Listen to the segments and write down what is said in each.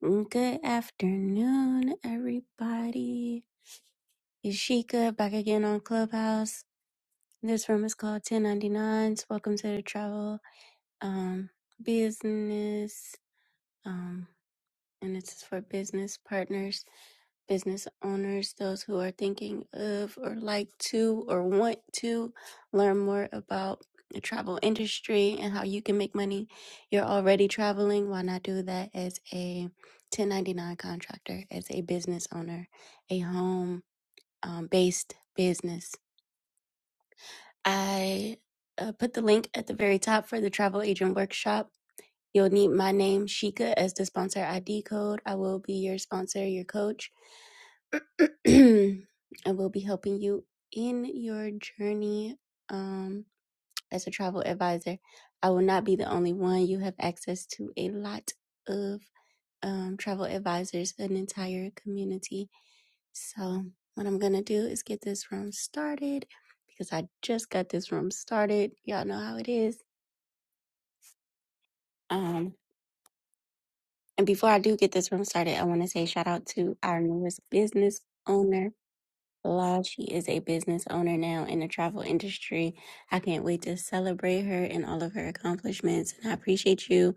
Good afternoon, everybody. It's Sheikah back again on Clubhouse. This room is called 1099s. Welcome to the travel um, business. um and it's for business partners, business owners, those who are thinking of or like to or want to learn more about the travel industry and how you can make money. You're already traveling. Why not do that as a 1099 contractor, as a business owner, a home um, based business? I uh, put the link at the very top for the travel agent workshop You'll need my name, Sheikah, as the sponsor ID code. I will be your sponsor, your coach. I will be helping you in your journey um, as a travel advisor. I will not be the only one. You have access to a lot of um, travel advisors, an entire community. So, what I'm going to do is get this room started because I just got this room started. Y'all know how it is. Um, And before I do get this room started, I want to say shout out to our newest business owner, La. She is a business owner now in the travel industry. I can't wait to celebrate her and all of her accomplishments. And I appreciate you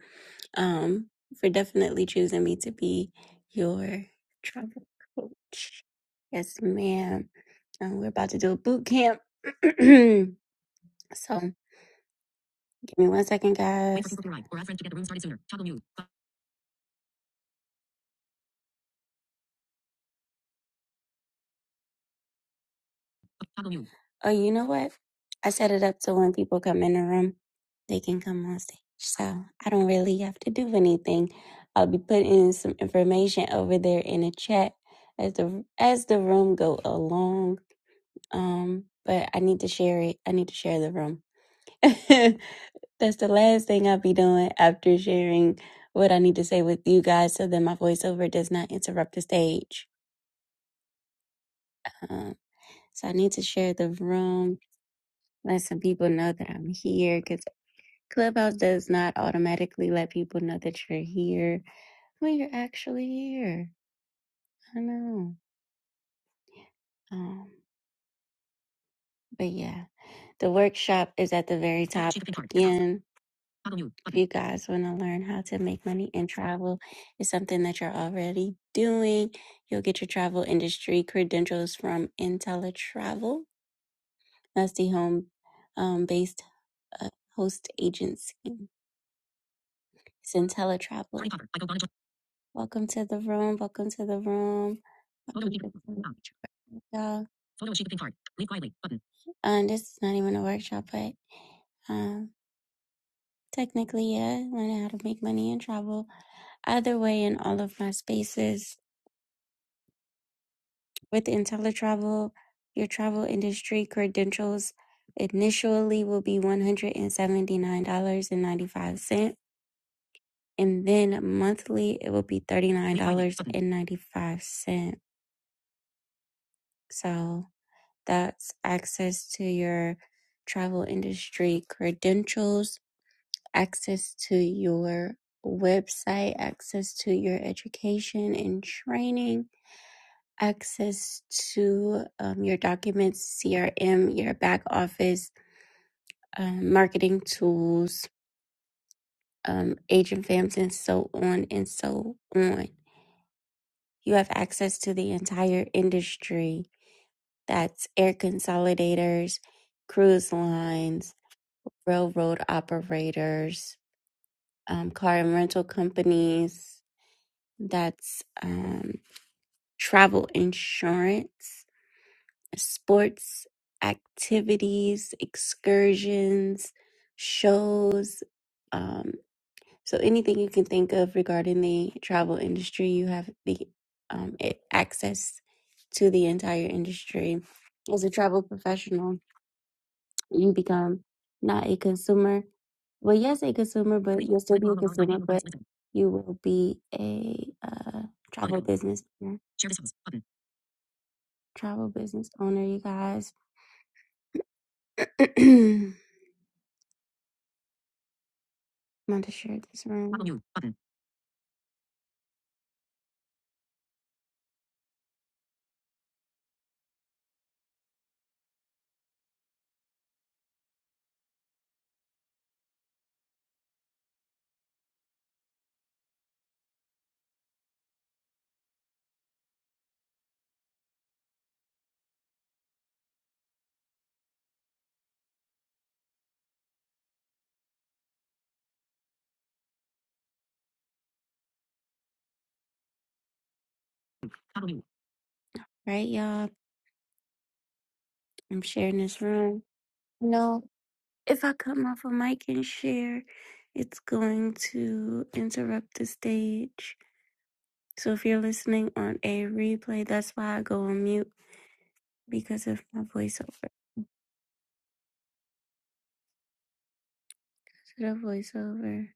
um, for definitely choosing me to be your travel coach. Yes, ma'am. Um, we're about to do a boot camp. so give me one second, guys. Oh, you know what? I set it up so when people come in the room, they can come on stage. So I don't really have to do anything. I'll be putting some information over there in the chat as the as the room go along. Um, but I need to share it. I need to share the room. That's the last thing I'll be doing after sharing what I need to say with you guys, so that my voiceover does not interrupt the stage. Um, so I need to share the room let some people know that I'm here 'cause Clubhouse does not automatically let people know that you're here when you're actually here. I know. Um, but yeah, the workshop is at the very top again. If you guys want to learn how to make money in travel, it's something that you're already doing. You'll get your travel industry credentials from IntelliTravel. That's the home um, based uh, host agency. It's IntelliTravel. Welcome to the room. Welcome to the room. So, and this is not even a workshop, but um, technically, yeah, learning how to make money and travel. Either way, in all of my spaces with IntelliTravel, your travel industry credentials initially will be $179.95, and seventy nine dollars and ninety five cent, and then monthly it will be $39.95. So that's access to your travel industry credentials access to your website, access to your education and training, access to um, your documents, CRM, your back office, um, marketing tools, um, agent fams, and so on and so on. You have access to the entire industry that's air consolidators, cruise lines, railroad operators, um, car and rental companies, that's um. travel insurance, sports activities, excursions, shows. Um, so anything you can think of regarding the travel industry, you have the um, a- access to the entire industry. As a travel professional, you become not a consumer. Well, yes, a consumer, but you'll still be a consumer, but you will be a uh, travel business owner, travel business owner, you guys. I'm about to share this room. New button. Right, y'all? I'm sharing this room. You know, if I come off a mic and share, it's going to interrupt the stage. So if you're listening on a replay, that's why I go on mute because of my voiceover. Is it voiceover?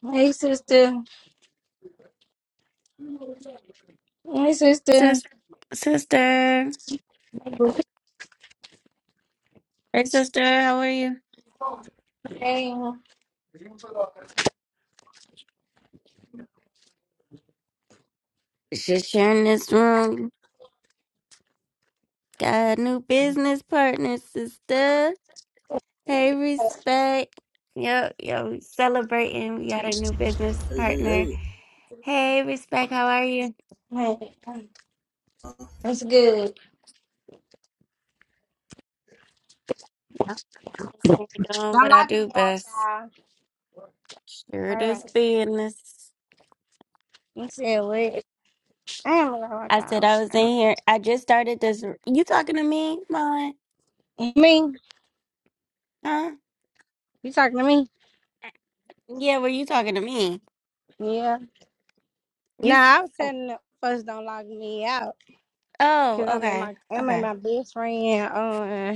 Hey, sister. Hey, sister. Sis, sister. Hey, sister, how are you? Hey. Just sharing this room. Got a new business partner, sister. Hey, respect. Yo, yo, celebrating. We got a new business Hey, hey, partner. hey. Hey, respect. How are you? Hey. Uh, It's good. I'm just here doing Don't what I lock me do out, best. child. Sure, All this right. business. You said what? I am gonna walk I said I was in out. here. I just started this. You talking to me, Mon? Me? Huh? You talking to me? Yeah, were you talking to me? Yeah. You. Nah, s- I was setting up first. Don't lock me out Oh, because I'm in okay, my I'm in okay. my best friend. uh,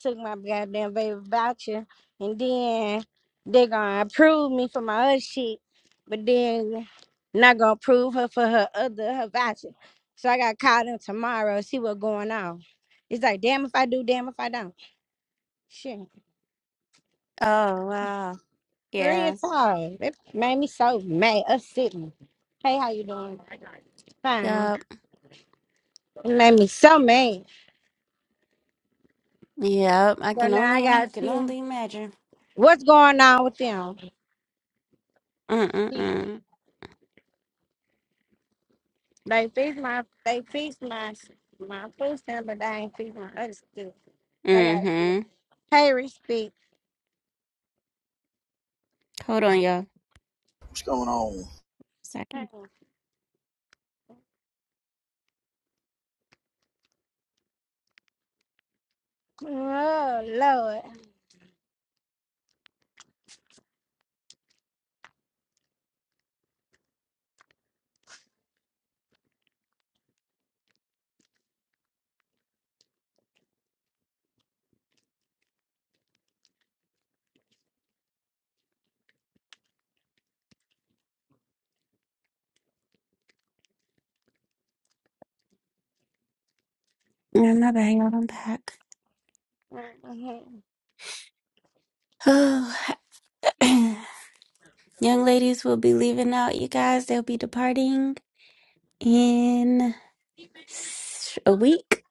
took my goddamn baby voucher, and then they gonna approve me for my other shit, but then not gonna approve her for her other her voucher. So I got called in tomorrow, see what's going on. It's like damn if I do, damn if I don't. Shit, Oh, wow. real Yeah. talk. It made me so mad. Us sitting. Hey, how you doing? Fine. Yup. It made me so mad. Yup. I So can now I only. I gotta can see only imagine. what's going on with them. Mm mm mm. They fix my they fix my my food stamp, but they ain't fix my other stuff. So I Mm got hmm. pay respect. Hold on, y'all. What's going on? Second. Oh Lord. Yeah, my bad, y'all. I'm back. Mhm. Oh, young ladies will be leaving out, you guys. They'll be departing in s- a week,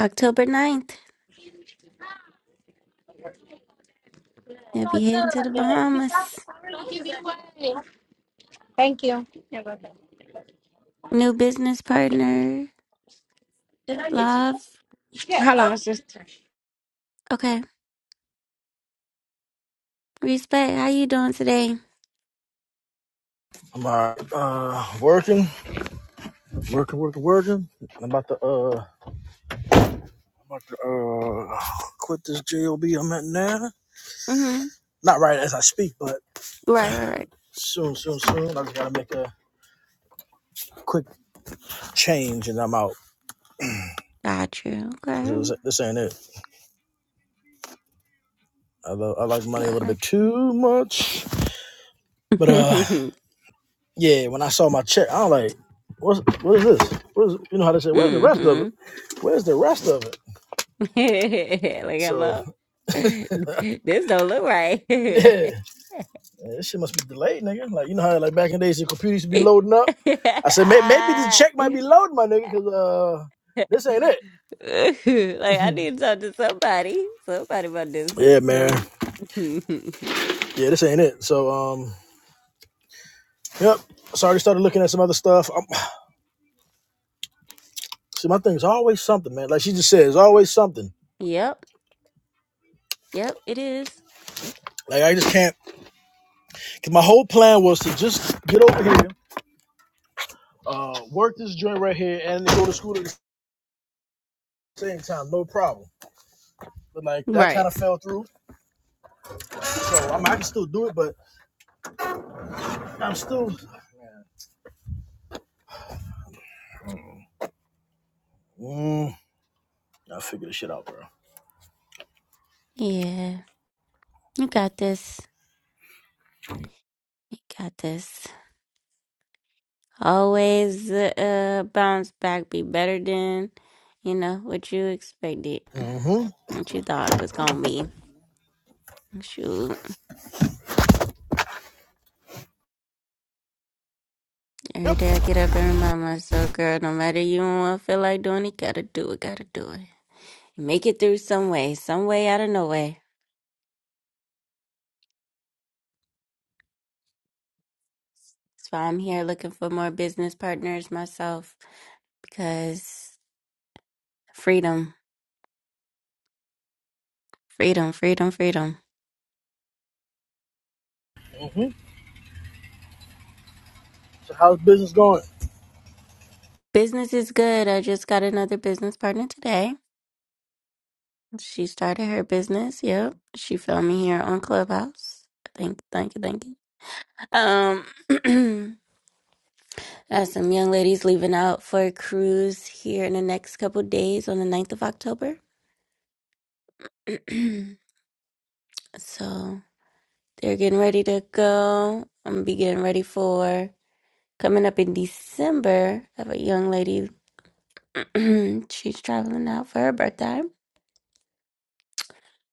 October ninth. They'll be heading to the Bahamas. Thank you. You're welcome. New business partner, love. Yeah. Hold on, sister. Okay, respect. How you doing today? I'm all right. Uh, working, working, working, working. I'm about to, uh, I'm about to, uh, quit this job I'm at now. Mm-hmm. Not right as I speak, but Right, right, right. soon, soon, soon. I just gotta make a quick change and I'm out. Got you. Okay. Cause this, this ain't it. I, love, I like money a little Got bit too much. But, uh, you. yeah, when I saw my check, I was like, what's, what is this? What is, you know how they say, where's the rest of it? mm-hmm. Where's the rest of it? like, So, hello? this don't look right. yeah. Man, this shit must be delayed, nigga. Like you know how like back in the days your computer used to be like loading up. I said "May- maybe this check might be loading, my nigga, because uh this ain't it. I need to talk to somebody. Somebody about this. This Yeah, is man. no Yeah, this ain't it. So um, yep. So I already started looking at some other stuff. Um see, my thing is always something, man. Like she just said, it's always something. Yep. Yep, it is. Like I just can't. Cause my whole plan was to just get over here, uh, work this joint right here, and go to school at the same time, no problem. But like that Right. kind of fell through. So I mean, I can still do it, but I'm still. Mm, I figure this shit out, bro. Yeah. You got this. You got this. Always uh bounce back, be better than, you know, what you expected. Mm-hmm. What you thought it was gonna be. Shoot. Every Yep. day I get up and remind myself, girl, no matter you don't wanna feel like doing it, gotta do it, gotta do it. Make it through some way, some way out of no way. That's why I'm here looking for more business partners myself because freedom, freedom, freedom, freedom. Mm-hmm. So how's business going? Business is good. I just got another business partner today. She started her business. Yep. She found me here on Clubhouse. Thank you, thank you, thank you. Um, got some young ladies leaving out for a cruise here in the next couple days on the ninth of October. so. They're getting ready to go. I'm gonna be getting ready for coming up in December. I have a young lady. She's traveling out for her birthday.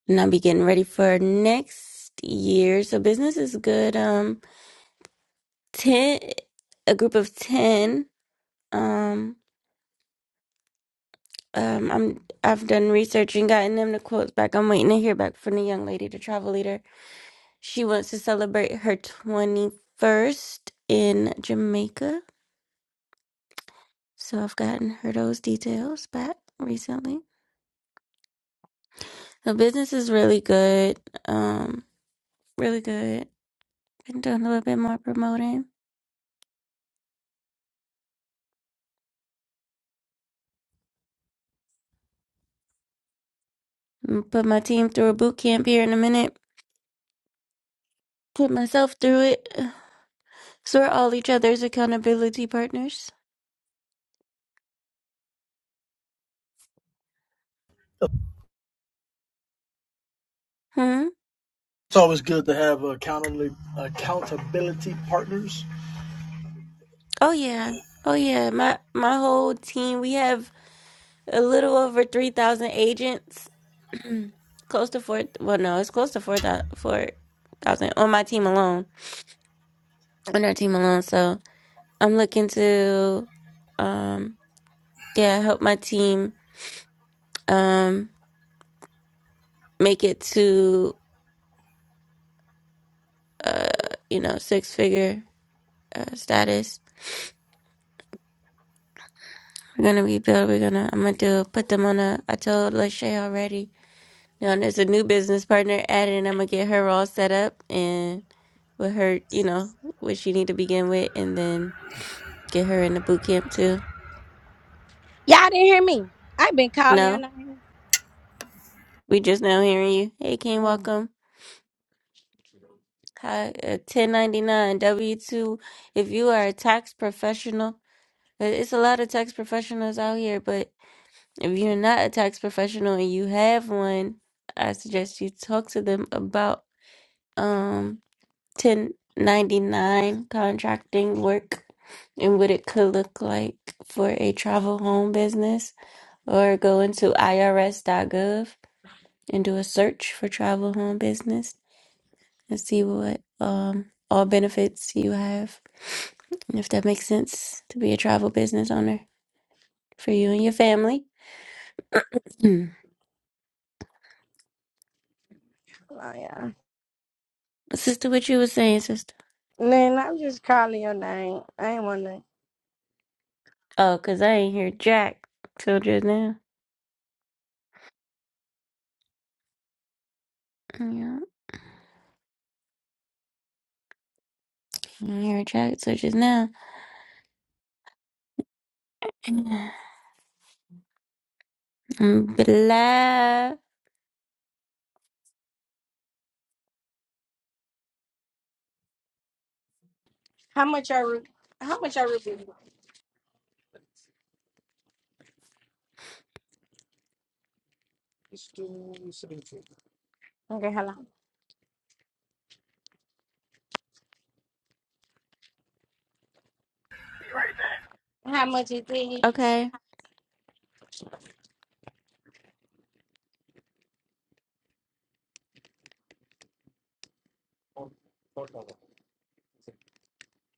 And I'll be getting ready for next year. So business is good. Um ten a group of ten. Um um I'm I've done research and gotten them the quotes back. I'm waiting to hear back from the young lady, the travel leader. She wants to celebrate her twenty first in Jamaica. So I've gotten her those details back recently. The business is really good. Um, really good. Been doing a little bit more promoting. Mm, Put my team through a boot camp here in a minute. Put myself through it. So we're all each other's accountability partners. Hmm. It's always good to have accountability accountability partners Oh yeah. Oh yeah. My my whole team. We have a little over three thousand agents. close to four. Well, no, it's close to four thousand. Four thousand on my team alone. On our team alone. So. I'm looking to, um, yeah, help my team um, make it to, uh, you know, six figure uh, status. We're gonna rebuild. We're gonna. I'm gonna do put them on a. I told Lachey already. Now there's a new business partner added, and I'm gonna get her all set up and with her, you know, what she need to begin with, and then get her in the boot camp too. Y'all didn't hear me. I've been calling your No, name. we just now hearing you. Hey, King, Mm. welcome. Hi, uh, 1099 W2. If you are a tax professional, uh, it's a lot of tax professionals out here, but if you're not a tax professional and you have one, I suggest you talk to them about um 1099 contracting work and what it could look like for a travel home business, or go into irs.gov and do a search for travel home business. and see what um all benefits you have and if that makes sense to be a travel business owner for you and your family. Hmm. Oh yeah. Sister, what you was saying, sister? man. I'm just calling your name. I ain't wanna Oh, cause I ain't hear Jack till just now. Yeah, I ain't hear Jack till just now. Mm, Blah. how much your root how much your root beer? Okay, hello. How much it is? Okay.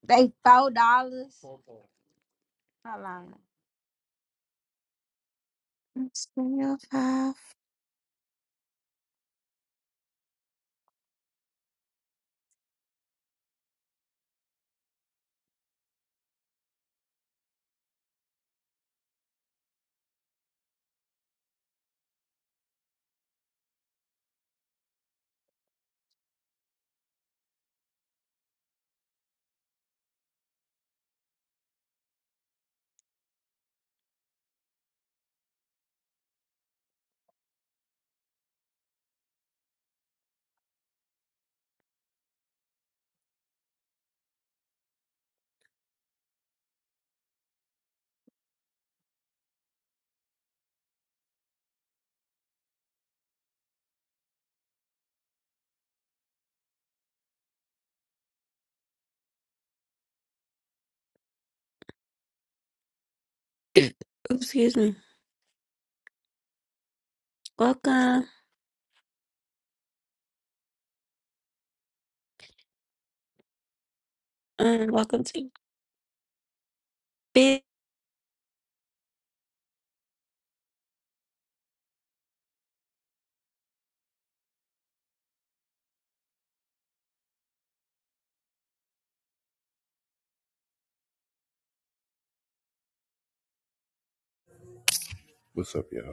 They four dollars. Hold on. It's 3:05. Excuse me. Welcome. Um, welcome to Big What's up, y'all?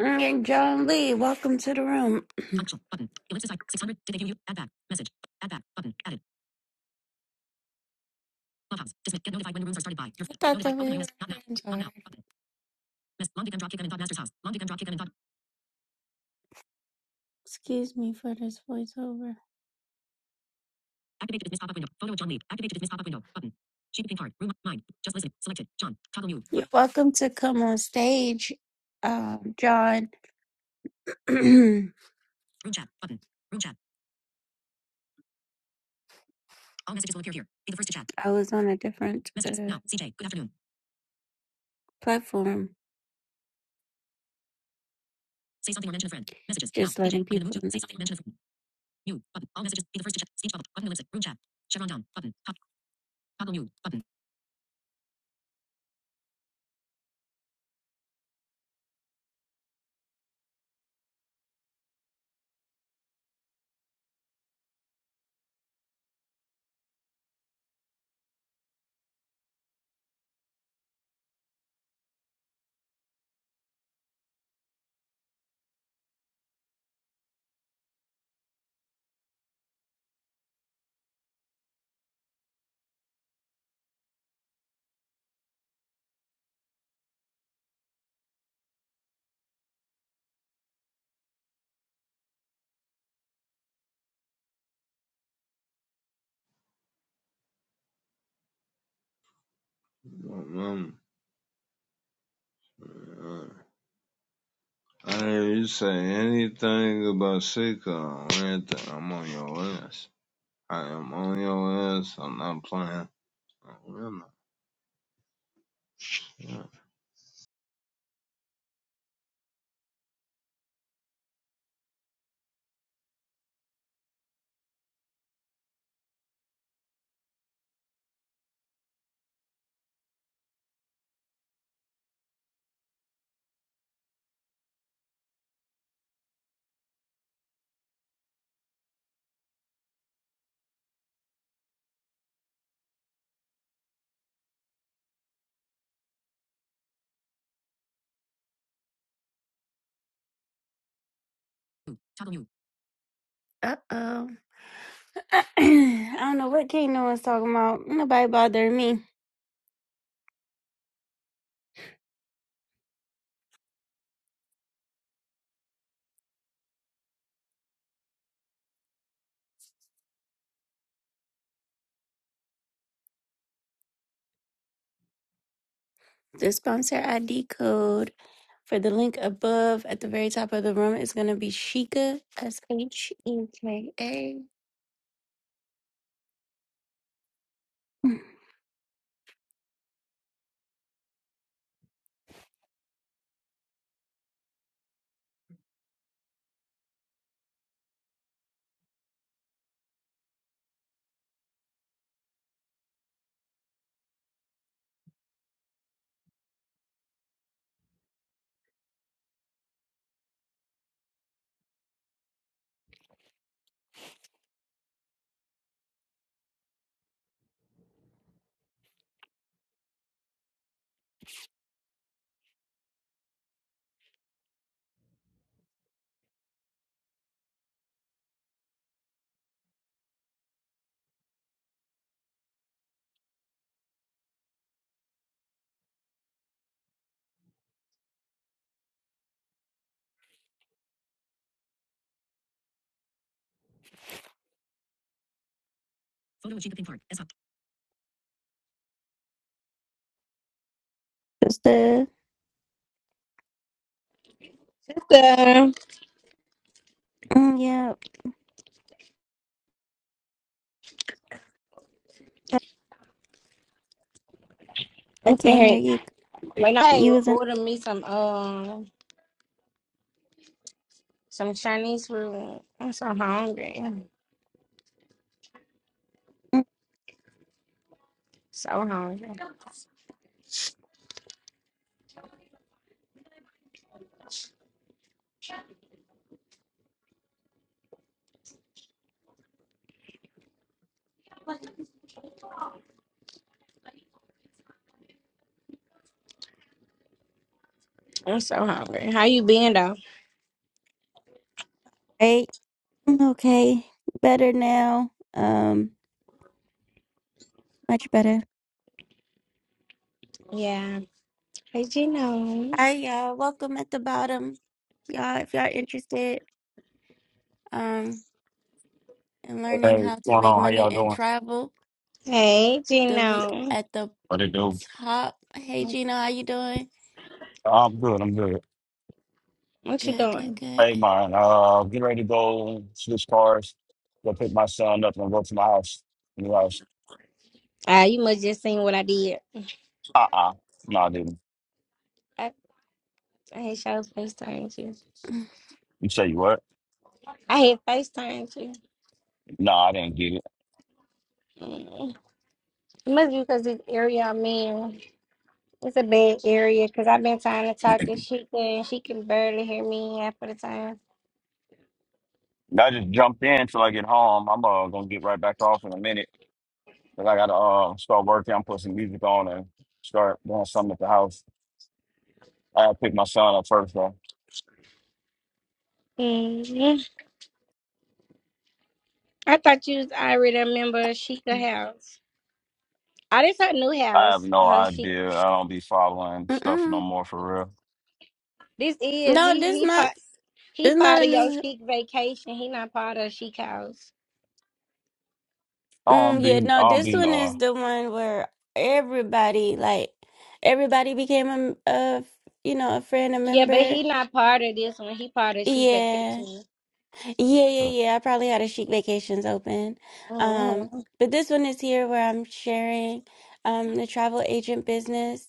John Lee. Welcome to the room. Excuse me for this voiceover. You're welcome to come on stage, um, John. I was on a different uh, platform, just letting C J. people know. Um, uh, I didn't you say anything about Sika or anything. I'm on your ass. I am on your ass. I'm not playing. I'm real. not. Yeah. Uh oh. I don't know what King no talking about. Nobody bothering me. The sponsor ID code for the link above at the very top of the room is going to be Sheka, S H E K A. Just the, Sister. mm, yeah, I can't hear Okay. you. When I You was an, order me some um some Chinese food, I'm so hungry. mm, So hungry. I'm so hungry. How you been though? right? Mm, Okay, better now. Um, much better. Yeah. Hey Gino. Hi, y'all. Welcome at the bottom. Y'all, if y'all interested, um, in learning Hey, how what's to going make on? How y'all money and doing? travel, Hey the link Gino. at the What it do? top. Hey, What's- Gina, how you doing? I'm good. I'm good. What you Good, good, doing? good. Hey, man, Uh, getting ready to go switch cars. Go pick my son up and go to my house. New house. Ah, you must just seen what I did. Uh uh No, I didn't. I, I hate show FaceTime you. You say you what? I hate FaceTime you. No, I didn't get it. Mm. It must be because this area I'm in, it's a bad area because I've been trying to talk to Sheikah and she can barely hear me half of the time. I just jumped in till I get home. I'm uh, gonna get right back off in a minute. Cause I gotta uh start working. I'm putting some music on and start doing something at the house. I gotta pick my son up first though. Mhm. I thought you was already a member of Sheikah House. Oh, this her new I have house. no Her she idea. I don't be following stuff no Mm-mm. more for real. this is No, he this he not part he this not part a of your new. chic vacation. He not part of chic house. I Mm, don't yeah, be. no, I don't this be one knowing. is the one where everybody like everybody became a, a you know a friend, a Yeah, but member. he not part of this one. He part of chic Yeah, vacation. yeah, yeah, yeah. I probably had a chic vacations open, um, Mm-hmm. but this one is here where I'm sharing um the travel agent business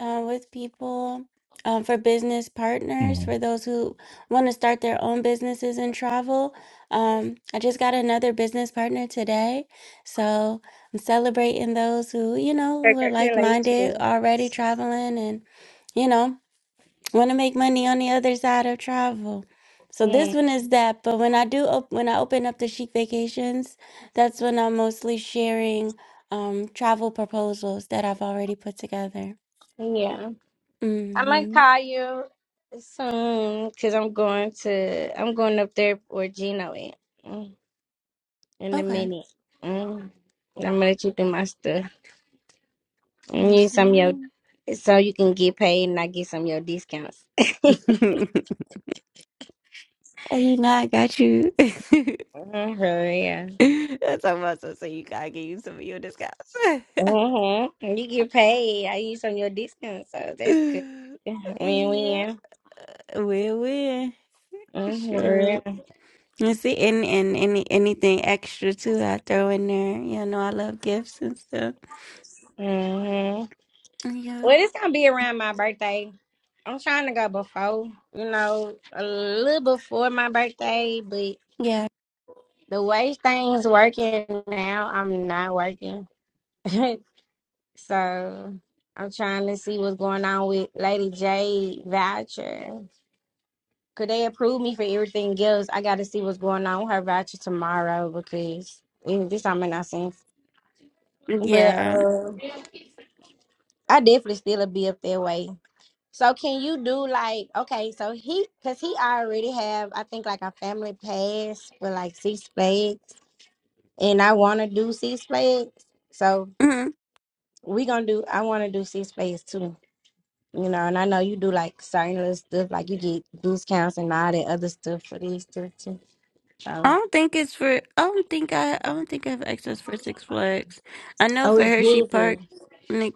uh, with people um, for business hmm partners, for those who want to start their own businesses and travel. Um, I just got another business partner today. So I'm celebrating those who, you know, who are like minded Congratulations. already traveling and, you know, want to make money on the other side of travel. So this Mm, one is that, but when I do op- when I open up the Chic Vacations, that's when I'm mostly sharing um, travel proposals that I've already put together. yeah, I might Mm-hmm. call you soon because I'm going to I'm going up there where Gino at mm, in a Okay. minute. Mm. I'm gonna let you do my stuff. And Yes, use some of your ma'am. so you can get paid and I get some of your discounts. Oh, you know I got you. That's Mm-hmm, yeah. how much I say you gotta give you some of your discounts. Mm-hmm. You get paid. I use some of your discounts, so that's good. yeah, Win win. win win. Mm-hmm. for Sure. real. And see, and, and any anything extra too, I throw in there. You know, I love gifts and stuff. Mm-hmm. Yeah, Well, it's gonna be around my birthday. I'm trying to go before, you know, a little before my birthday, but yeah, the way things working now, I'm not working. So I'm trying to see what's going on with Lady J voucher. Could they approve me for everything else? I got to see what's going on with her voucher tomorrow because eh, this time make not sense. But yeah. uh, I definitely still be up that way. So can you do like okay? So he because he already have I think like a family pass for like Six Flags, and I want to do Six Flags. So we gonna do. I want to do Six Flags too. you know, and I know you do like certain little stuff, like you get discounts and all that other stuff for these stuff too. I So, don't think it's for. I don't think I. I don't think I have access for Six Flags. I know oh, for it's Hershey Park, busy. Nick,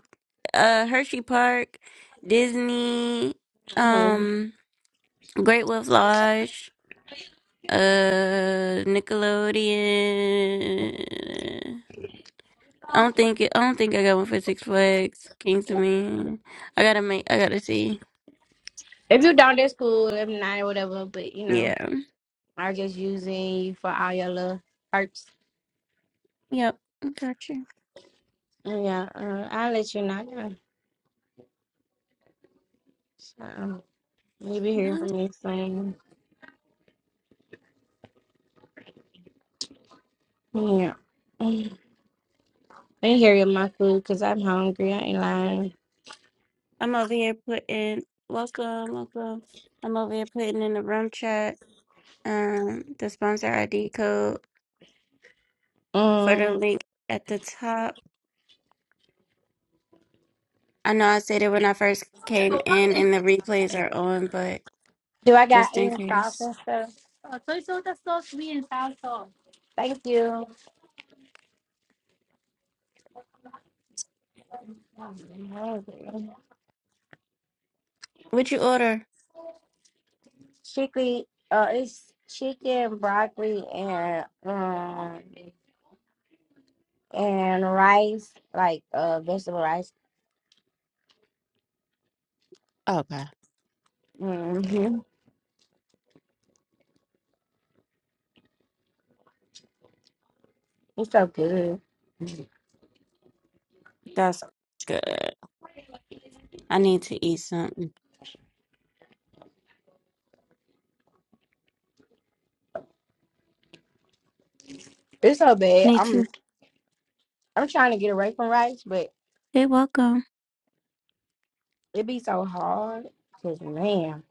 uh, Hershey Park, Disney, hmm um, Great Wolf Lodge, uh, Nickelodeon. I don't think. It, I don't think I got one for Six Flags. Kings of Man. I gotta make. I gotta see. If you don't, that's cool. If not, whatever. But you know, Yeah. I'm just using you for all your little perks. Yep. Gotcha. Yeah, uh, I'll let you know. Yeah. So, you'll be hearing Yeah. from me soon. Yeah, Mm. been hearing my food because I'm hungry. I ain't lying. I'm over here putting. Welcome. Welcome. I'm over here putting in the room chat. um the sponsor ID code for the Um, link at the top. I know I said it when I first came in and the replays are on, but do I got just in any sauce case. and stuff? Thank you. I'm hungry. What'd you order? chicken, uh, it's chicken, broccoli, and um and rice, like uh vegetable rice. hmm It's so good. That's good. I need to eat something. It's so bad. Need I'm to. I'm trying to get away from rice, but Hey, welcome. it be so hard. Cause man,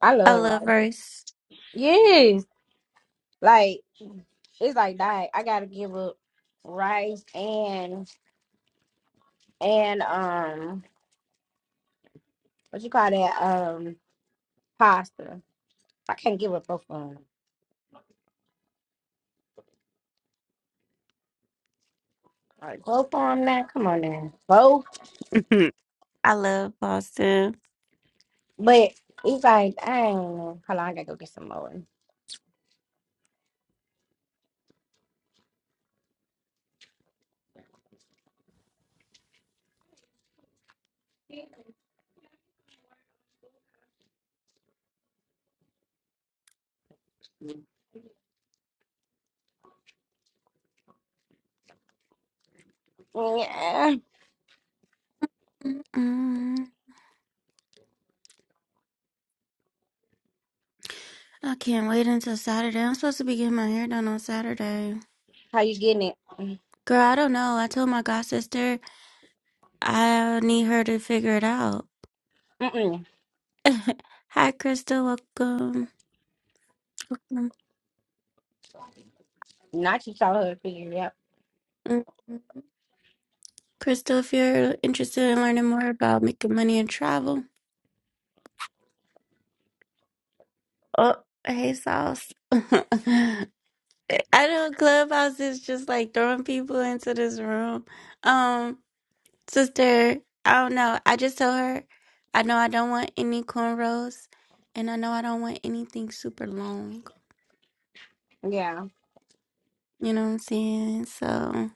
I I love love rice. verse. Yes, like it's like diet. I gotta give up rice and and um what you call that um pasta. I can't give up both of them. Like both of them now. Come on now, both I love Boston. But it's like, dang! ain't know. Hold on, I gotta go get some more. Yeah. Mm-mm. I can't wait until Saturday. I'm supposed to be getting my hair done on Saturday. How you getting it? Girl, I don't know. I told my god sister I need her to figure it out. Mm-mm. Hi, Crystal. Welcome. Welcome. Not you saw her figure, yep. Mm, Crystal, if you're interested in learning more about making money and travel. Oh, hey, Sauce. I know Clubhouse is just like throwing people into this room. Um, sister, I don't know. I just told her I know I don't want any cornrows and I know I don't want anything super long. Yeah. You know what I'm saying? So,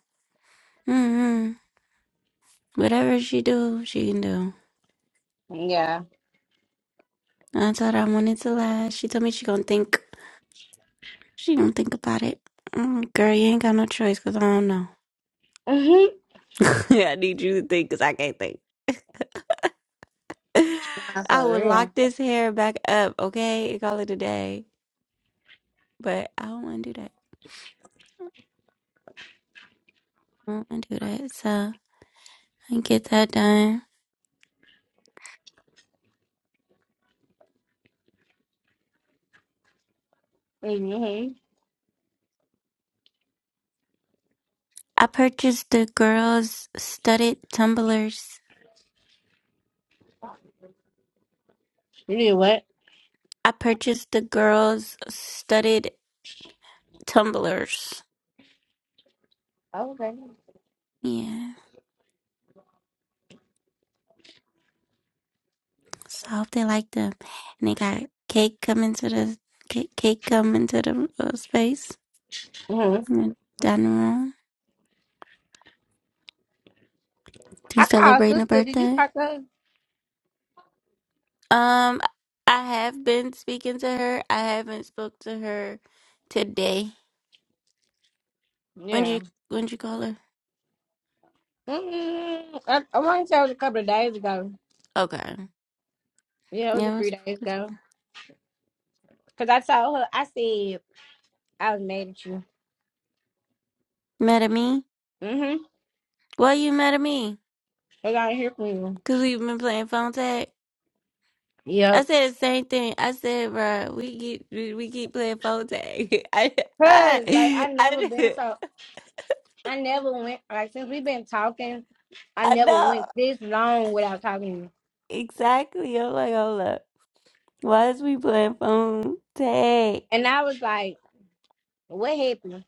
mm-hmm. whatever she do, she can do. Yeah. I told her I wanted to laugh. She told me she gonna think. She gonna think about it. Mm, girl, you ain't got no choice because I don't know. Mm-hmm. I need you to think because I can't think. Nah, I for would lock real. this hair back up, okay, and call it a day. But I don't want to do that. I don't want to do that. So I get that done. Mm-hmm. I purchased the girls' studded tumblers. You did what? I purchased the girls' studded tumblers. Oh, okay. Yeah. So I hope they like them. And they got cake coming to the cake, cake coming to the uh, space Mm-hmm. and down the room. I She's called celebrating a sister. Did you birthday. talk to her? Um, I have been speaking to her. I haven't spoke to her today. When Yeah. you when you call her? Mm-mm. I, I want to say it was a couple of days ago. Okay. Yeah, it was a Yeah, I few days spoke to ago. her. Because I told her, I said, I was mad at you. Mad at me? Mm-hmm. Why you mad at me? I got to hear from you. Cause we've been playing phone tag. I Yep. said the same thing. I said, bro, we keep we we keep playing phone tag. I Cause like I, I never been I, so I never went like since we've been talking, I I never know. went this long without talking to you. Exactly. I'm like, hold up. Why is we playing phone tag? And I was like, What happened?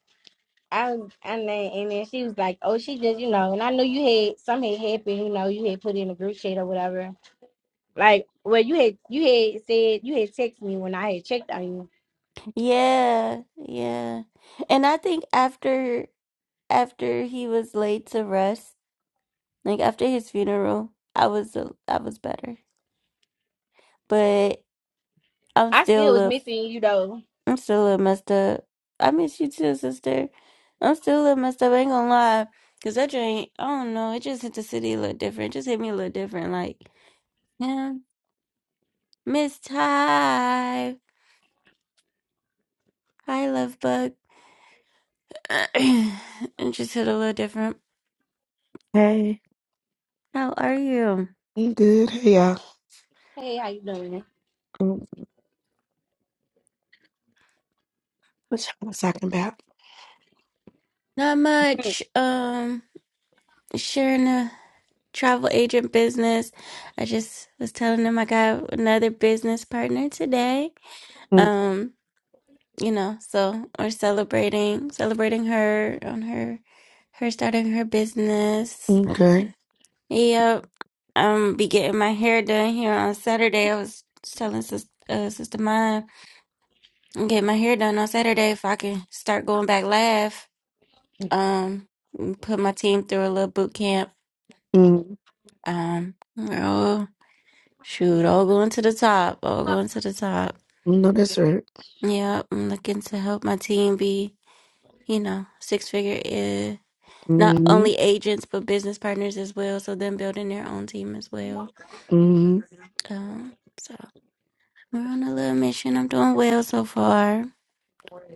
I was and then and then she was like, Oh, she just, you know, and I knew you had something had happened, you know, you had put in a group chat or whatever. Like well you had you had said you had texted me when I had checked on you. Yeah, yeah. And I think after after he was laid to rest, like after his funeral, I was a, I was better. But I'm I still a still was little, missing you though. I'm still a little messed up. I miss you too, sister. I'm still a little messed up. I ain't gonna lie, cause that joint, I don't know. It just hit the city a little different. It just hit me a little different. Like, yeah, Miss Ty. Hi, love bug. And just hit a little different. Hey, How are you? I'm good. Hey, y'all. Hey, how you doing? Um, What y'all was talking about? Not much. Um, sharing a travel agent business. I just was telling them I got another business partner today. Mm, Um, you know, so we're celebrating, celebrating her on her, her starting her business. okay. Yep. Um, be getting my hair done here on Saturday. I was telling sis, uh, sister mine. and get my hair done on Saturday if I can start going back live. Um, put my team through a little boot camp. Mm, Um, oh shoot, all going to the top, all going to the top. no, that's right. Yeah, I'm looking to help my team be, you know, six figure, uh, not Mm, only agents but business partners as well. So them building their own team as well. mm, Um, so we're on a little mission. I'm doing well so far.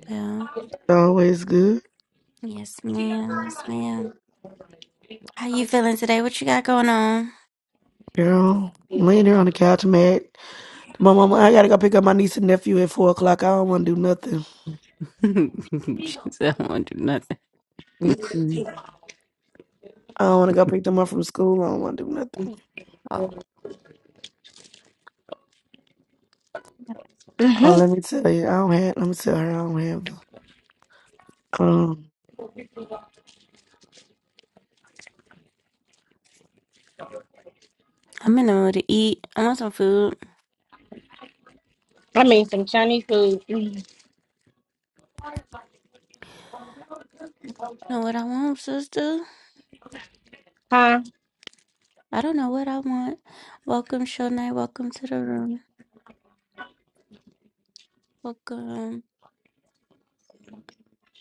Well, always good. yes, ma'am, yes, ma'am. How you feeling today? What you got going on? Girl, I'm laying there on the couch, mad. My mama, I gotta go pick up my niece and nephew at four o'clock. I don't want to do nothing. she said, I don't want to do nothing. Mm-mm. I don't want to go pick them up from school. I don't want to do nothing. Oh, Oh, hmm let me tell you, I don't have. Let me tell her, I don't have the. Um, I'm in the mood to eat. I want some food. I mean some Chinese food. Mhm. Know what I want, sister? Huh? I don't know what I want. Welcome, Shonai. Welcome to the room. Welcome.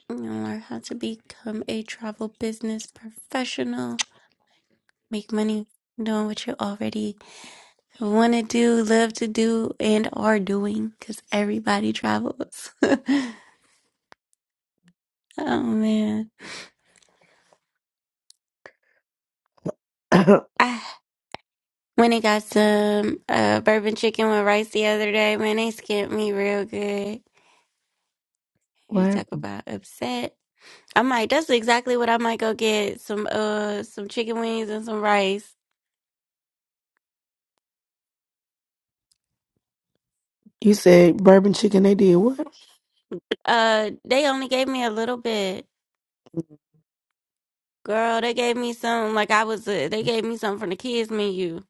You know, learn how to become a travel business professional. Make money doing what you already want to do, love to do, and are doing because everybody travels. oh, man. I When they got some uh, bourbon chicken with rice the other day, man, they skipped me real good. what You happened? talk about upset. I might. That's exactly what I might go get some uh some chicken wings and some rice. you said? Bourbon chicken? They did what? Uh, they only gave me a little bit, girl. They gave me some like I was. Uh, they gave me something from the kids menu.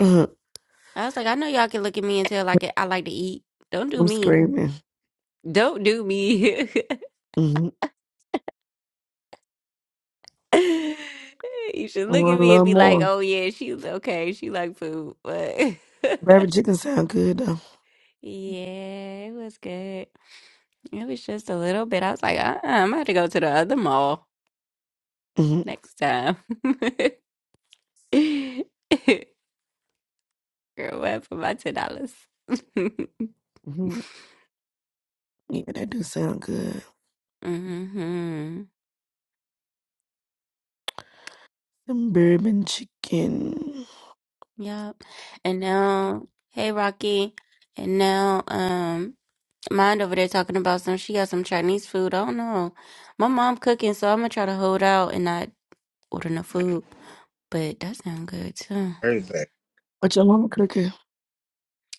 Uh, I was like, I know y'all can look at me and tell like I get- I like to eat. Don't do I'm me. screaming. Don't do me. hmm You should I look at want a me and little be like, more. "Oh yeah, she was okay. She liked food." But Bourbon chicken sound good though. yeah, it was good. It was just a little bit. I was like, uh-uh, "I'm gonna have to go to the other mall hmm next time." Girl, what for my ten dollars? hmm Yeah, that do sound good. Mm-hmm. Some bourbon chicken. Yep. And now, hey Rocky. And now, um. mind over there talking about some. She got some Chinese food. I don't know. My mom cooking, so I'm gonna try to hold out and not order no food. But that sounds good too. Thursday. What your mama cooking?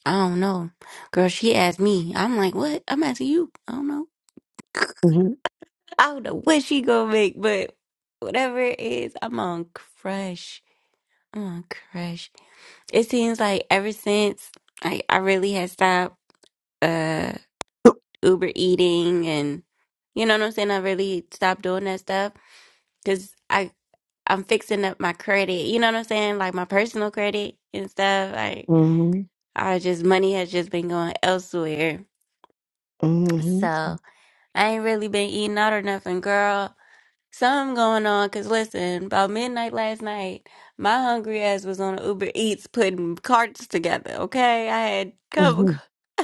I don't know, girl. She asked me. I'm like, what? I'm asking you. I don't know. Mm-hmm. I don't know what she gonna make, but whatever it is, I'm on crush. I'm on crush. It seems like ever since I I really had stopped uh Uber eating and you know what I'm saying. I really stopped doing that stuff because I. I'm fixing up my credit. You know what I'm saying? Like my personal credit and stuff. Like hmm I just money has just been going elsewhere. hmm So I ain't really been eating out or nothing, girl. Something going on. Cause listen, about midnight last night, my hungry ass was on Uber Eats putting carts together. Okay, I had cover. hmm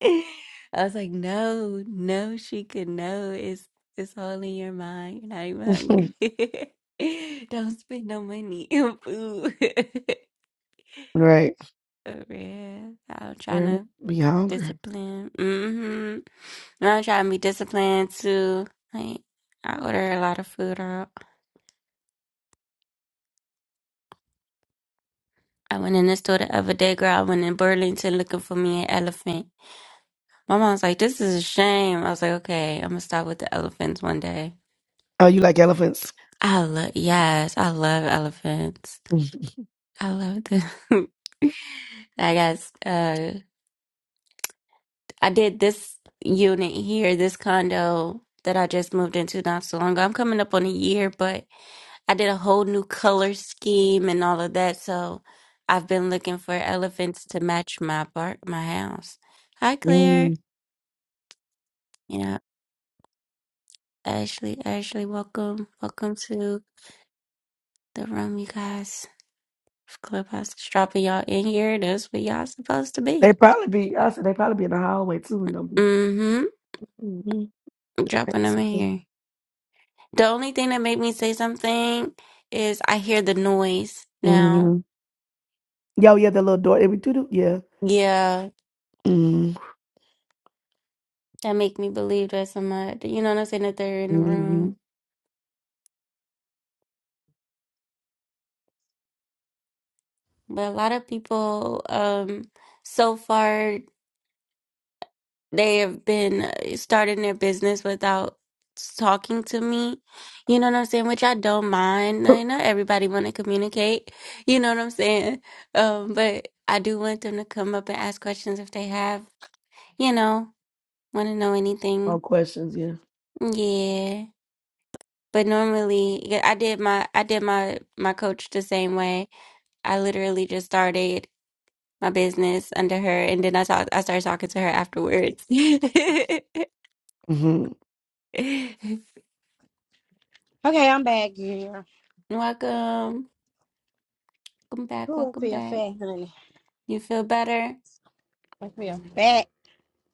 I was like, no, no, Sheikah, no. It's it's all in your mind. You're not even hungry. Don't spend no money on food. right. For real. I'm trying Girl, to be hungry. discipline. Mm-hmm. I'm trying to be disciplined too. Like I order a lot of food out. I went in the store the other day, girl. I went in Burlington looking for me an elephant. My mom's like, this is a shame. I was like, okay, I'm gonna stop with the elephants one day. Oh, you like elephants? I love, yes, I love elephants. I love them. I guess, uh, I did this unit here, this condo that I just moved into not so long ago. I'm coming up on a year, but I did a whole new color scheme and all of that. So I've been looking for elephants to match my part, my house. Hi, Claire. Mm-hmm. You know, Ashley, Ashley, welcome. Welcome to the room, you guys. Clubhouse dropping y'all in here. That's where y'all supposed to be. They probably be. I said they probably be in the hallway too, and they'll be. Mm-hmm. Mm-hmm. Dropping That's them in something. here. The only thing that made me say something is I hear the noise now. Mm-hmm. Yo, yeah, the little door. It be doo-doo. Yeah. Yeah, Mm-hmm. that make me believe that somebody, you know what I'm saying, that they're in the room. But a lot of people, um, so far they have been uh, starting their business without talking to me. You know what I'm saying? Which I don't mind. Uh, Not everybody want to communicate. You know what I'm saying? Um, but I do want them to come up and ask questions if they have, you know. Want to know All anything? questions. Yeah. Yeah. But normally, yeah, I did my I did my my coach the same way. I literally just started my business under her, and then I talked. I started talking to her afterwards. Mm-hmm. Okay, I'm back, girl. Welcome, welcome back, Ooh, I welcome feel back. fat, honey. You feel better? I feel fat.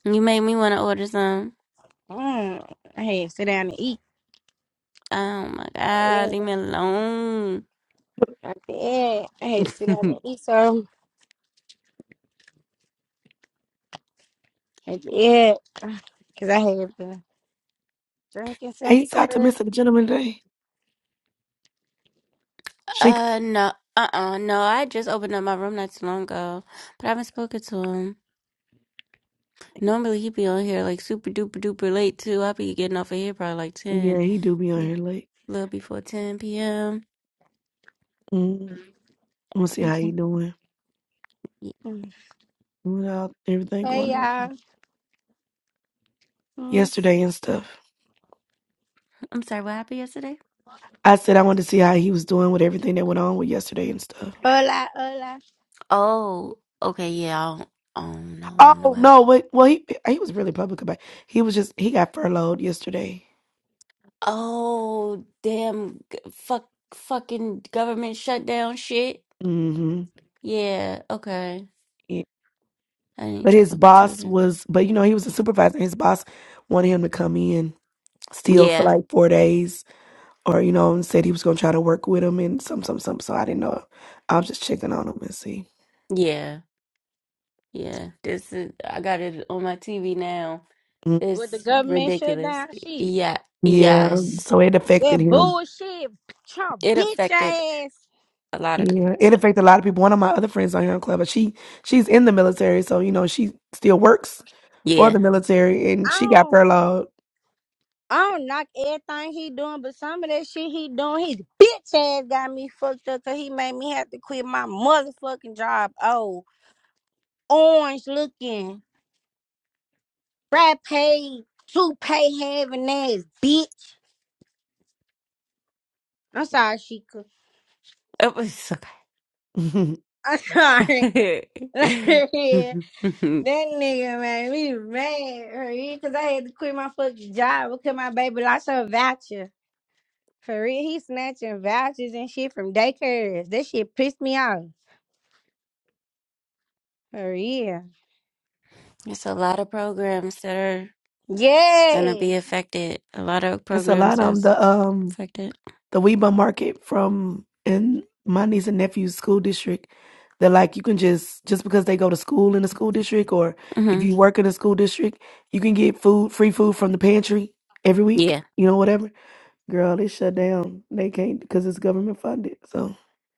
You made me want to order some. Mm, I had to sit down and eat. Oh my Yeah, God, leave me alone. I did. I had to sit down and eat some. I did. Because I had been drinking Hey, since you talked to the. Mister Gentleman today? Uh, no, uh, uh no. I just opened up my room not too long ago, but I haven't spoken to him. Normally he be on here like super duper duper late too. I be getting off of here probably like Yeah, ten, he do be on li- here late. little before ten p.m. Mm, I'm gonna see how he Thinking- doing yeah. without everything Hey, going on y'all. Mm. yesterday and stuff. I'm sorry, what happened yesterday? I said I wanted to see how he was doing with everything that went on with yesterday and stuff. Hola, hola. Oh, okay, yeah. I don't, I don't know, I don't know Oh what happened. no, wait, well he he was really public about. It. He was just he got furloughed yesterday. Oh, damn, g- fuck, fucking government shutdown shit. hmm Yeah, okay. Yeah. I need But to check his on the boss children. was, but you know he was a supervisor. His boss wanted him to come in still for Yeah, like four days, or you know, and said he was gonna try to work with him and some some some. So I didn't know. I'll just checking on him and see. yeah, yeah. This is I got it on my TV now. With the It's government ridiculous. shutdown, shit. Yeah, Yeah, yes. so it affected That him. bullshit. Trump It bitch affected ass. a lot of Yeah, it stuff. affected a lot of people. One of my other friends on here on Clever, she she's in the military, so you know she still works for Yeah. the military, I and she got don't, furloughed. I don't knock everything he doing, but some of that shit he doing, his bitch ass got me fucked up because he made me have to quit my motherfucking job. Oh, orange looking. Brad paid toupee, having ass bitch. I'm sorry, Sheikah. It was I'm sorry. that nigga made me mad for real, cause I had to quit my fucking job because my baby lost her voucher. For real, he snatching vouchers and shit from daycares. That shit pissed me off. For real. It's a lot of programs that are gonna Yeah. be affected. A lot of it's a programs lot on the that's um affected. the Weba market from in my niece and nephew's school district that like you can just just because they go to school in the school district or if hmm you work in a school district, you can get food free food from the pantry every week, Yeah. you know, whatever. Girl, they shut down. They can't because it's government funded. So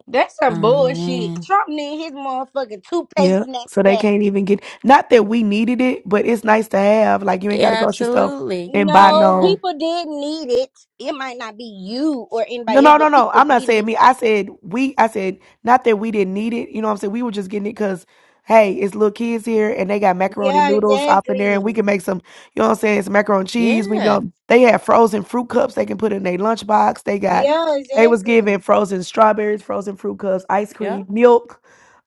That's some Oh bullshit. man. Trump need his motherfucking toupee yeah. So snatched they back. can't even get not that we needed it, but it's nice to have. Like you ain't got a Yeah, grocery store absolutely. and buy No, no Yeah. people did need it. It might not be you or No, anybody else, no, no, but no. people I'm not did saying need. me. I said we. I said not that we didn't need it. You know what I'm saying? We were just getting it because, hey, it's little kids here and they got macaroni Yeah, noodles off in there, exactly. and we can make some. You know what I'm saying? Some macaroni and cheese. We Yeah. go. They have frozen fruit cups they can put in their lunchbox. They got. Yeah, They was exactly. giving frozen strawberries, frozen fruit cups, ice Yeah. cream, milk,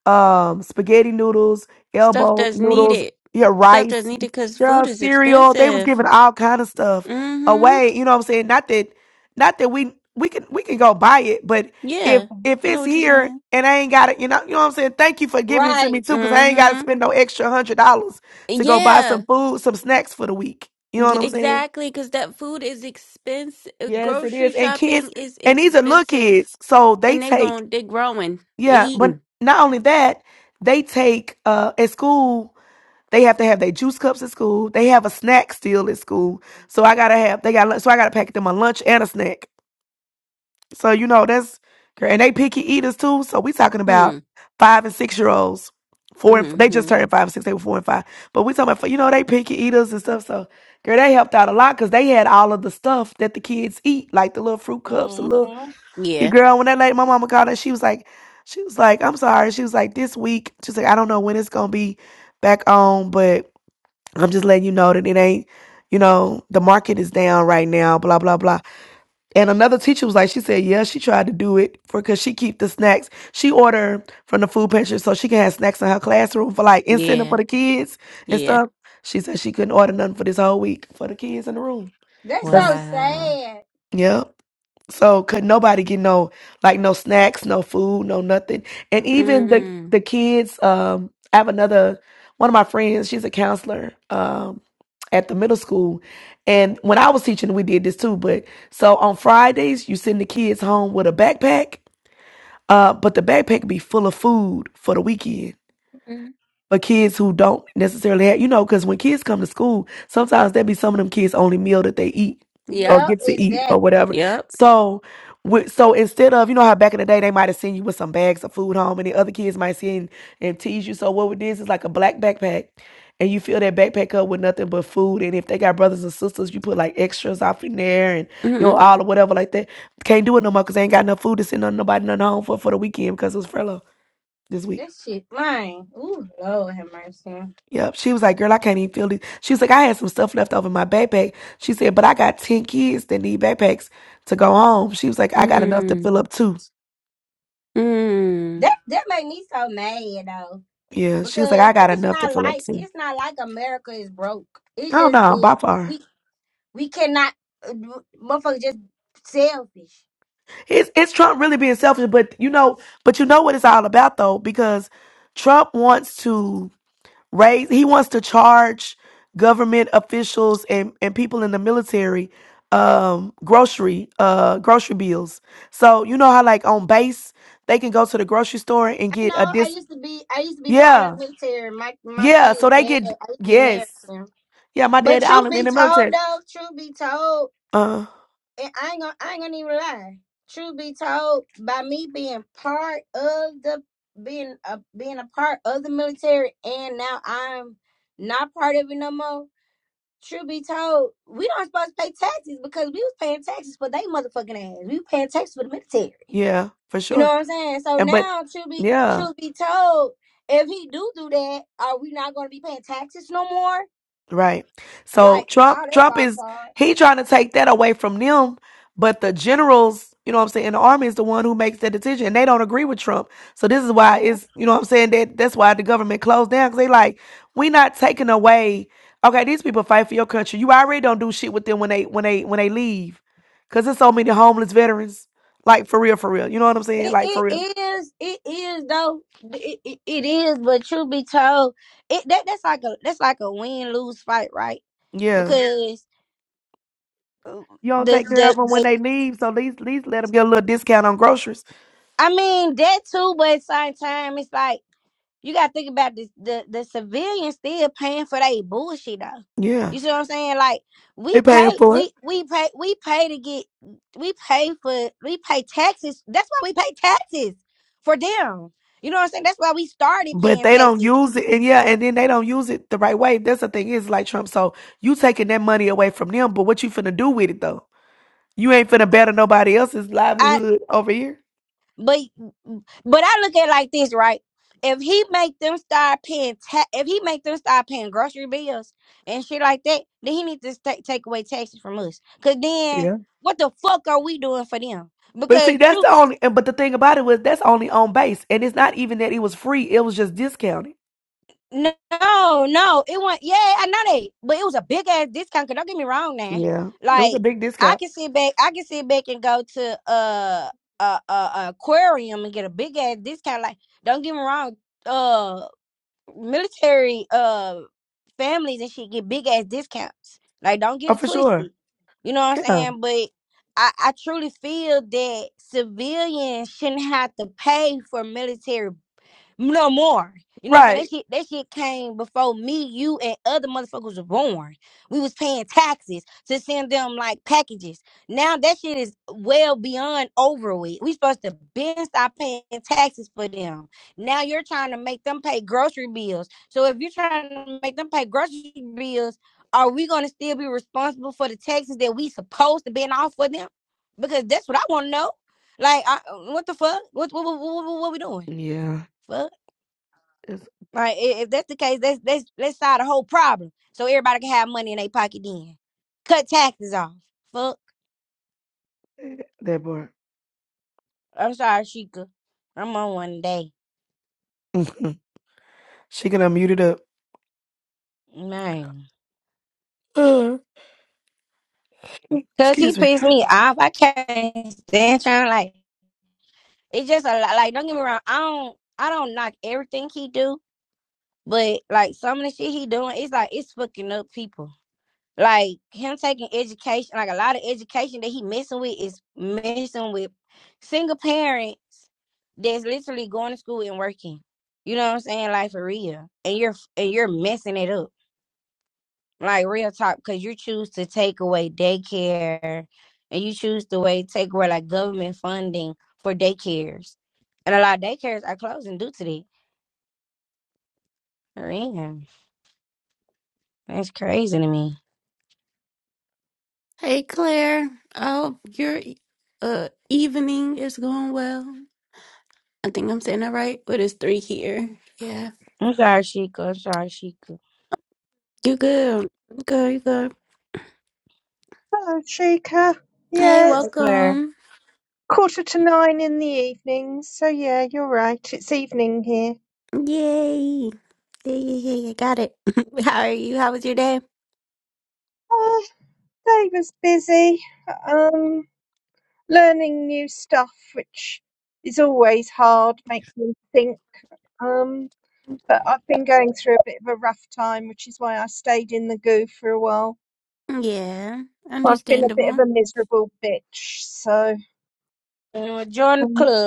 um, spaghetti noodles, Stuff elbow that's noodles, needed. yeah, Stuff that's rice, needed because yeah, food is cereal. They was expensive. giving all kind of stuff Mm-hmm. away. You know what I'm saying? Not that not that we we can we can go buy it, but if Yeah. if Know it's what you're here saying? and I ain't got it, you know, you know what I'm saying. Thank you for giving it to Right. me too, because I ain't got to Mm-hmm. spend no extra hundred dollars to go buy Yeah. some food, some snacks for the week. You know G- what I'm saying? Exactly, because that food is expensive. Yes, it Grocery is. And shopping kids, is and these are little expensive, kids, so they and they take going they growing, they yeah. But eating. not only that, they take uh at school. They have to have their juice cups at school. They have a snack still at school. So I gotta have they got so I gotta pack them a lunch and a snack. So you know that's girl, and they picky eaters too. So we talking about Hmm. five and six year olds, four and they just Hmm. turned five and six. They were four and five, but we talking about you know they picky eaters and stuff. So girl, they helped out a lot because they had all of the stuff that the kids eat, like the little fruit cups, the hmm little your Yeah. girl. When that lady, my mama called her, she was like, she was like, I'm sorry. She was like, this week, she's like, I don't know when it's gonna be back on, but I'm just letting you know that it ain't. You know, the market is down right now, blah, blah, blah. And another teacher was like, she said, yeah, she tried to do it for because she keep the snacks. She order from the food pantry so she can have snacks in her classroom for like incentive for Yeah. the kids and Yeah. stuff. She said she couldn't order nothing for this whole week for the kids in the room. That's Cause so Wow. sad. yeah. So could nobody get no like no snacks, no food, no nothing. And even the Mm. the kids, um, I have another one of my friends, she's a counselor um at the middle school. And when I was teaching, we did this too. But so on Fridays you send the kids home with a backpack. Uh, but the backpack be full of food for the weekend Mm. for kids who don't necessarily have, you know, because when kids come to school, sometimes that be some of them kids' only meal that they eat or Yep. Yeah, get to eat or exactly. whatever. Yep. So, wi- so instead of you know how back in the day they might have seen you with some bags of food home, and the other kids might see and, and tease you. So what it is is like a black backpack, and you fill that backpack up with nothing but food. And if they got brothers and sisters, you put like extras off in there, and you know Mm. all or whatever like that. Can't do it no more because they ain't got enough food to send none- nobody none home for for the weekend because it was furlough this week. That shit, mine. Ooh, Lord have mercy. Yep. She was like, girl, I can't even feel these. She was like, I had some stuff left over in my backpack. She said, but I got 10 kids that need backpacks to go home. She was like, I got enough to Mm. fill up too. Mm. That that made me so mad though, Yeah. She was like, because I got it's enough to not fill up like too. it's not like America is broke. It's Oh just no, that by we far. we cannot, uh, motherfuckers, just selfish. It's, it's Trump really being selfish, but you know, but you know what it's all about though, because Trump wants to raise he wants to charge government officials and, and people in the military um grocery uh grocery bills so you know how like on base they can go to the grocery store and I get a know. I dis used to be. I used to be part of yeah the military. My my yeah kids' so they dad. I get used to be married yes to him. yeah my But dad out truth in be the told, military though, truth be told, uh and I ain't gonna. I ain't gonna even lie. Truth be told, by me being part of the being a being a part of the military, and now I'm not part of it no more. Truth be told, we don't supposed to pay taxes because we was paying taxes for they motherfucking ass. We was paying taxes for the military. yeah for You know sure what I'm saying? So and but now, truth be yeah truth be told, if he do do that, are we not going to be paying taxes no more? Right. So Like all Trump that Trump fall is apart. he trying to take that away from them, but the generals, you know what I'm saying, the army is the one who makes that decision and they don't agree with Trump. So this is why Well, it's you know what I'm saying that that's why the government closed down cuz they like we not taking away okay, these people fight for your country. You already don't do shit with them when they when they when they leave cuz there's so many homeless veterans like for real for real. You know what I'm saying? It Like for real. it is it is though it, it, it is but truth be told it that that's like a that's like a win lose fight right Yeah. because uh, You don't the take care of the, them when the they leave, so at least, at least let them get a little discount on groceries. I mean that too but at the same time it's like You gotta think about this the, the civilians still paying for their bullshit though. Yeah. You see what I'm saying? Like we They paying pay for it. we we pay we pay to get we pay for we pay taxes. That's why we pay taxes for them. You know what I'm saying? That's why we started But paying they don't taxes. use it, and yeah, and then they don't use it the right way. That's the thing is like Trump. So you taking that money away from them, but what you finna do with it though? You ain't finna better nobody else's livelihood over here. But but I look at it like this, right? If he make them start paying, ta- if he make them start paying grocery bills and shit like that, then he needs to sta take away taxes from us. Cause then Yeah. what the fuck are we doing for them? But see, Because that's truth, the only. and But the thing about it was that's only on base, and it's not even that it was free. It was just discounted. no, no, it wasn't. Yeah, I know that, but it was a big ass discount. Cause don't get me wrong, now, Yeah, it was like a big I discount. can sit back, I can sit back and go to uh a, a, a aquarium and get a big ass discount. Like don't get me wrong, uh, military uh families and shit get big ass discounts. Like don't get Oh, it for sure. twisted. You know what I'm Yeah. saying? But I, I truly feel that civilians shouldn't have to pay for military no more. You know what I'm saying? Right. That shit, that shit came before me, you, and other motherfuckers were born. We was paying taxes to send them like packages. Now that shit is well beyond over with. We supposed to been stop paying taxes for them. Now you're trying to make them pay grocery bills. So if you're trying to make them pay grocery bills, are we gonna still be responsible for the taxes that we supposed to been off for them? Because that's what I want to know. Like, I, what the fuck? What what what, what, what we doing? Yeah. Fuck. It's, Right. i- If that's the case, let's let's let's solve the whole problem so everybody can have money in their pocket. Then cut taxes off. Fuck. that boy. I'm sorry, Sheikah. I'm on one day, she gonna mute it up. man. Uh, Cause he excuse me. pissed me off. I can't stand trying. Like it's just a lot. Like don't get me wrong. I don't. I don't knock everything he do, but like some of the shit he doing, it's like it's fucking up people. Like him taking education, like a lot of education that he messing with is messing with single parents that's literally going to school and working. You know what I'm saying? Like for real. And you're and you're messing it up. Like real talk, because you choose to take away daycare and you choose to way take away like government funding for daycares. And a lot of daycares are closing due to that. Man, that's crazy to me. Hey, Claire. Oh, your e- uh evening is going well. I think I'm saying that right. But it's three here. Yeah. I'm sorry, Sheikah. I'm sorry, Sheikah. You good? You good? You good? Hello, Chica. Hey, Yeah, it's Hey, Claire. welcome. quarter to nine in the evening, so yeah, you're right. It's evening here. Yay. Yeah, yeah, yeah, I got it. How are you? How was your day? Uh, day was busy, um, learning new stuff, which is always hard, makes me think. Um, but I've been going through a bit of a rough time, which is why I stayed in the goo for a while. Yeah, I've been a bit understandable. of a miserable bitch, so. Uh, Join the Um, club.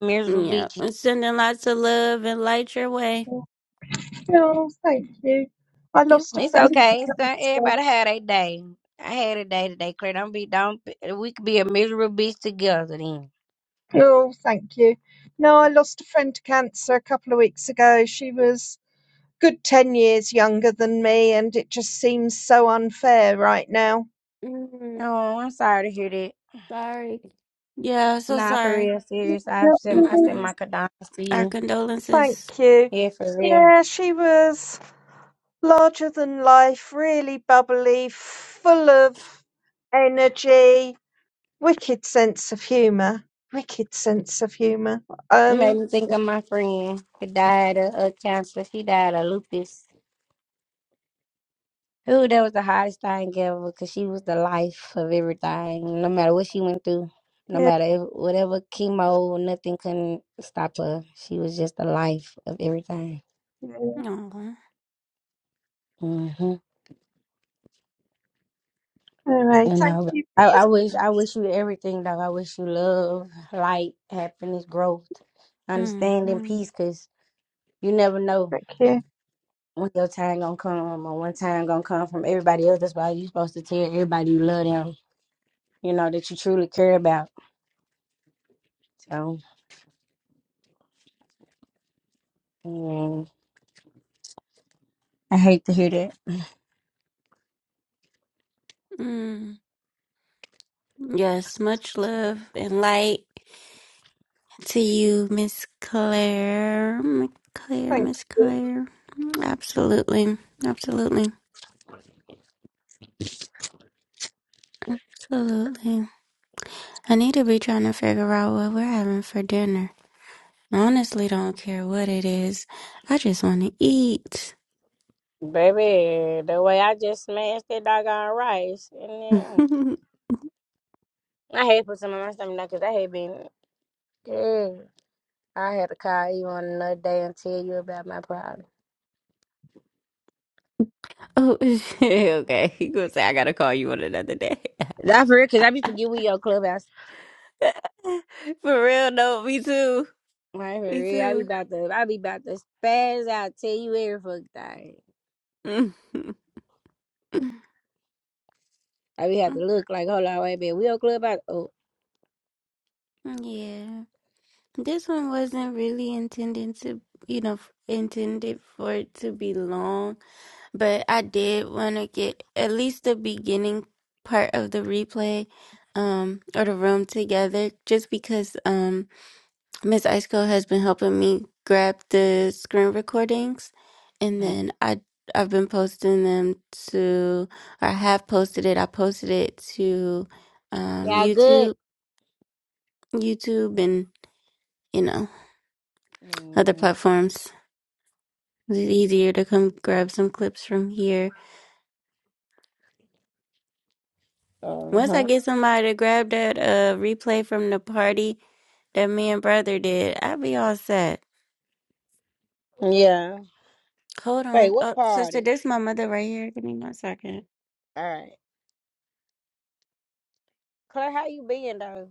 miserable Yeah, bitches. I'm sending lots of love and light your way. oh, thank you. I You're lost a It's friend welcome. a okay. couple So of weeks ago. everybody had a day. I had a day today, Claire. Don't be don't be- we could be a miserable bitch together then. Oh, thank you. No, I lost a friend to cancer a couple of weeks ago. She was good 10 years younger than me, and it just seems so unfair right now. Mm, Oh, I'm sorry to hear that. sorry. Yeah, so Nah, for sorry. real, Yeah, serious. I sent I mhm. sent hmm my condolences to Our you. condolences. Thank you. Yeah, for real. Yeah, she was larger than life, really bubbly, full of energy, wicked sense of humour, wicked sense of humour. You made Um, me think of my friend who died of, of cancer. She died of lupus. Ooh, that was the hardest thing ever because she was the life of everything. No matter what she went through, no yeah. matter if, whatever chemo, nothing couldn't stop her. She was just the life of everything. yeah. Oh. hmm Anyway, And thank I, you for I, your I wish, thought. I wish you everything, dog. I wish you love, light, happiness, growth, understanding, Mm-hmm. peace. Cause you never know Thank you. when your time gonna come or when time gonna come from everybody else. That's why you supposed to tell everybody you love them. You know that you truly care about. So. I hate to hear that. Mm. Yes, much love and light to you, Miss Claire. Miss Claire, Thank Miss you. Claire. Absolutely. Absolutely. Absolutely. I need to be trying to figure out what we're having for dinner. I honestly don't care what it is. I just want to eat. Baby, the way I just smashed that doggone rice, and then oh, I hate putting some on my stomach now 'cause I hate being. Girl, I had to call you on another day and tell you about my problem. okay. You gonna say I gotta call you on another day? Not for real, 'cause I be forgetting we your clubhouse. for real? No, me too. Right for Me real, I be too. about to, I be about to spaz out, tell you every fucking thing. I be have to look like, hold on, wait a minute, we your clubhouse? Oh, yeah. This one wasn't really intended to, you know, f- intended for it to be long, but I did want to get at least the beginning part of the replay, um, or the room together, just because um Miss Ice Cold has been helping me grab the screen recordings, and uh, then I I've been posting them to, or I have posted it. I posted it to, um, y'all good? YouTube, YouTube, and you know, other Mm-hmm. platforms. It's easier to come grab some clips from here. Uh Once I huh. get somebody to grab that uh replay from the party that me and brother did, I'll be all set. Yeah. Hold Wait, on. what Oh, sister, party? there's my mother right here. Give me one second. All right. Claire, how you being though?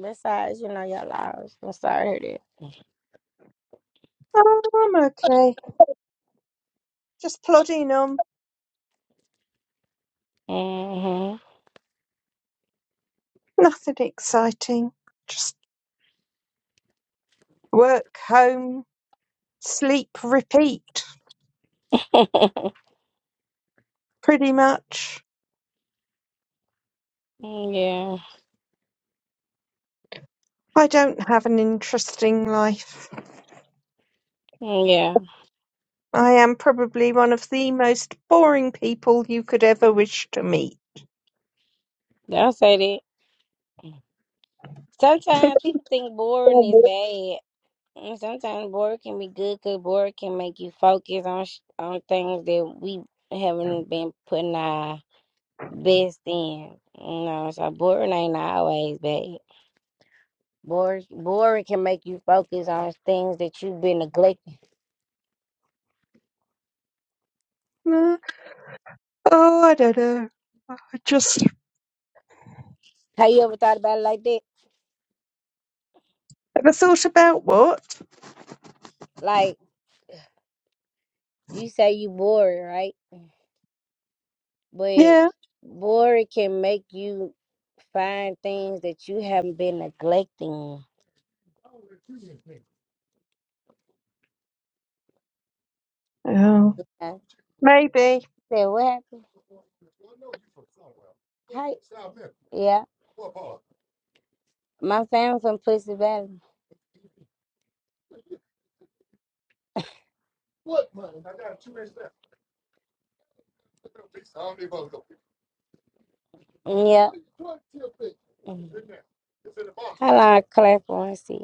Besides, you know, your lives. I'm sorry to hear I'm okay. Just plodding on. that. Mm-hmm. Nothing exciting. Just work, home, sleep, repeat. Pretty much. Mm, I don't have an interesting life. Yeah. Mm, Yeah. I am probably one of the most boring people you could ever wish to meet. Don't say that. Sometimes people think boring is bad. And sometimes boring can be good because boring can make you focus on sh- on things that we haven't been putting our best in. You know, so boring ain't always bad. Boring, boring can make you focus on things that you've been neglecting. Oh, Oh, I don't know. I just Have you ever thought about it like that? ever thought about what? Like. You say you bored, right? But Yeah. bored can make you find things that you haven't been neglecting. Oh, I Maybe. said, what happened? Hi. Yeah, my family from Pussy Valley. Mm, Yeah. Hold on, clap for one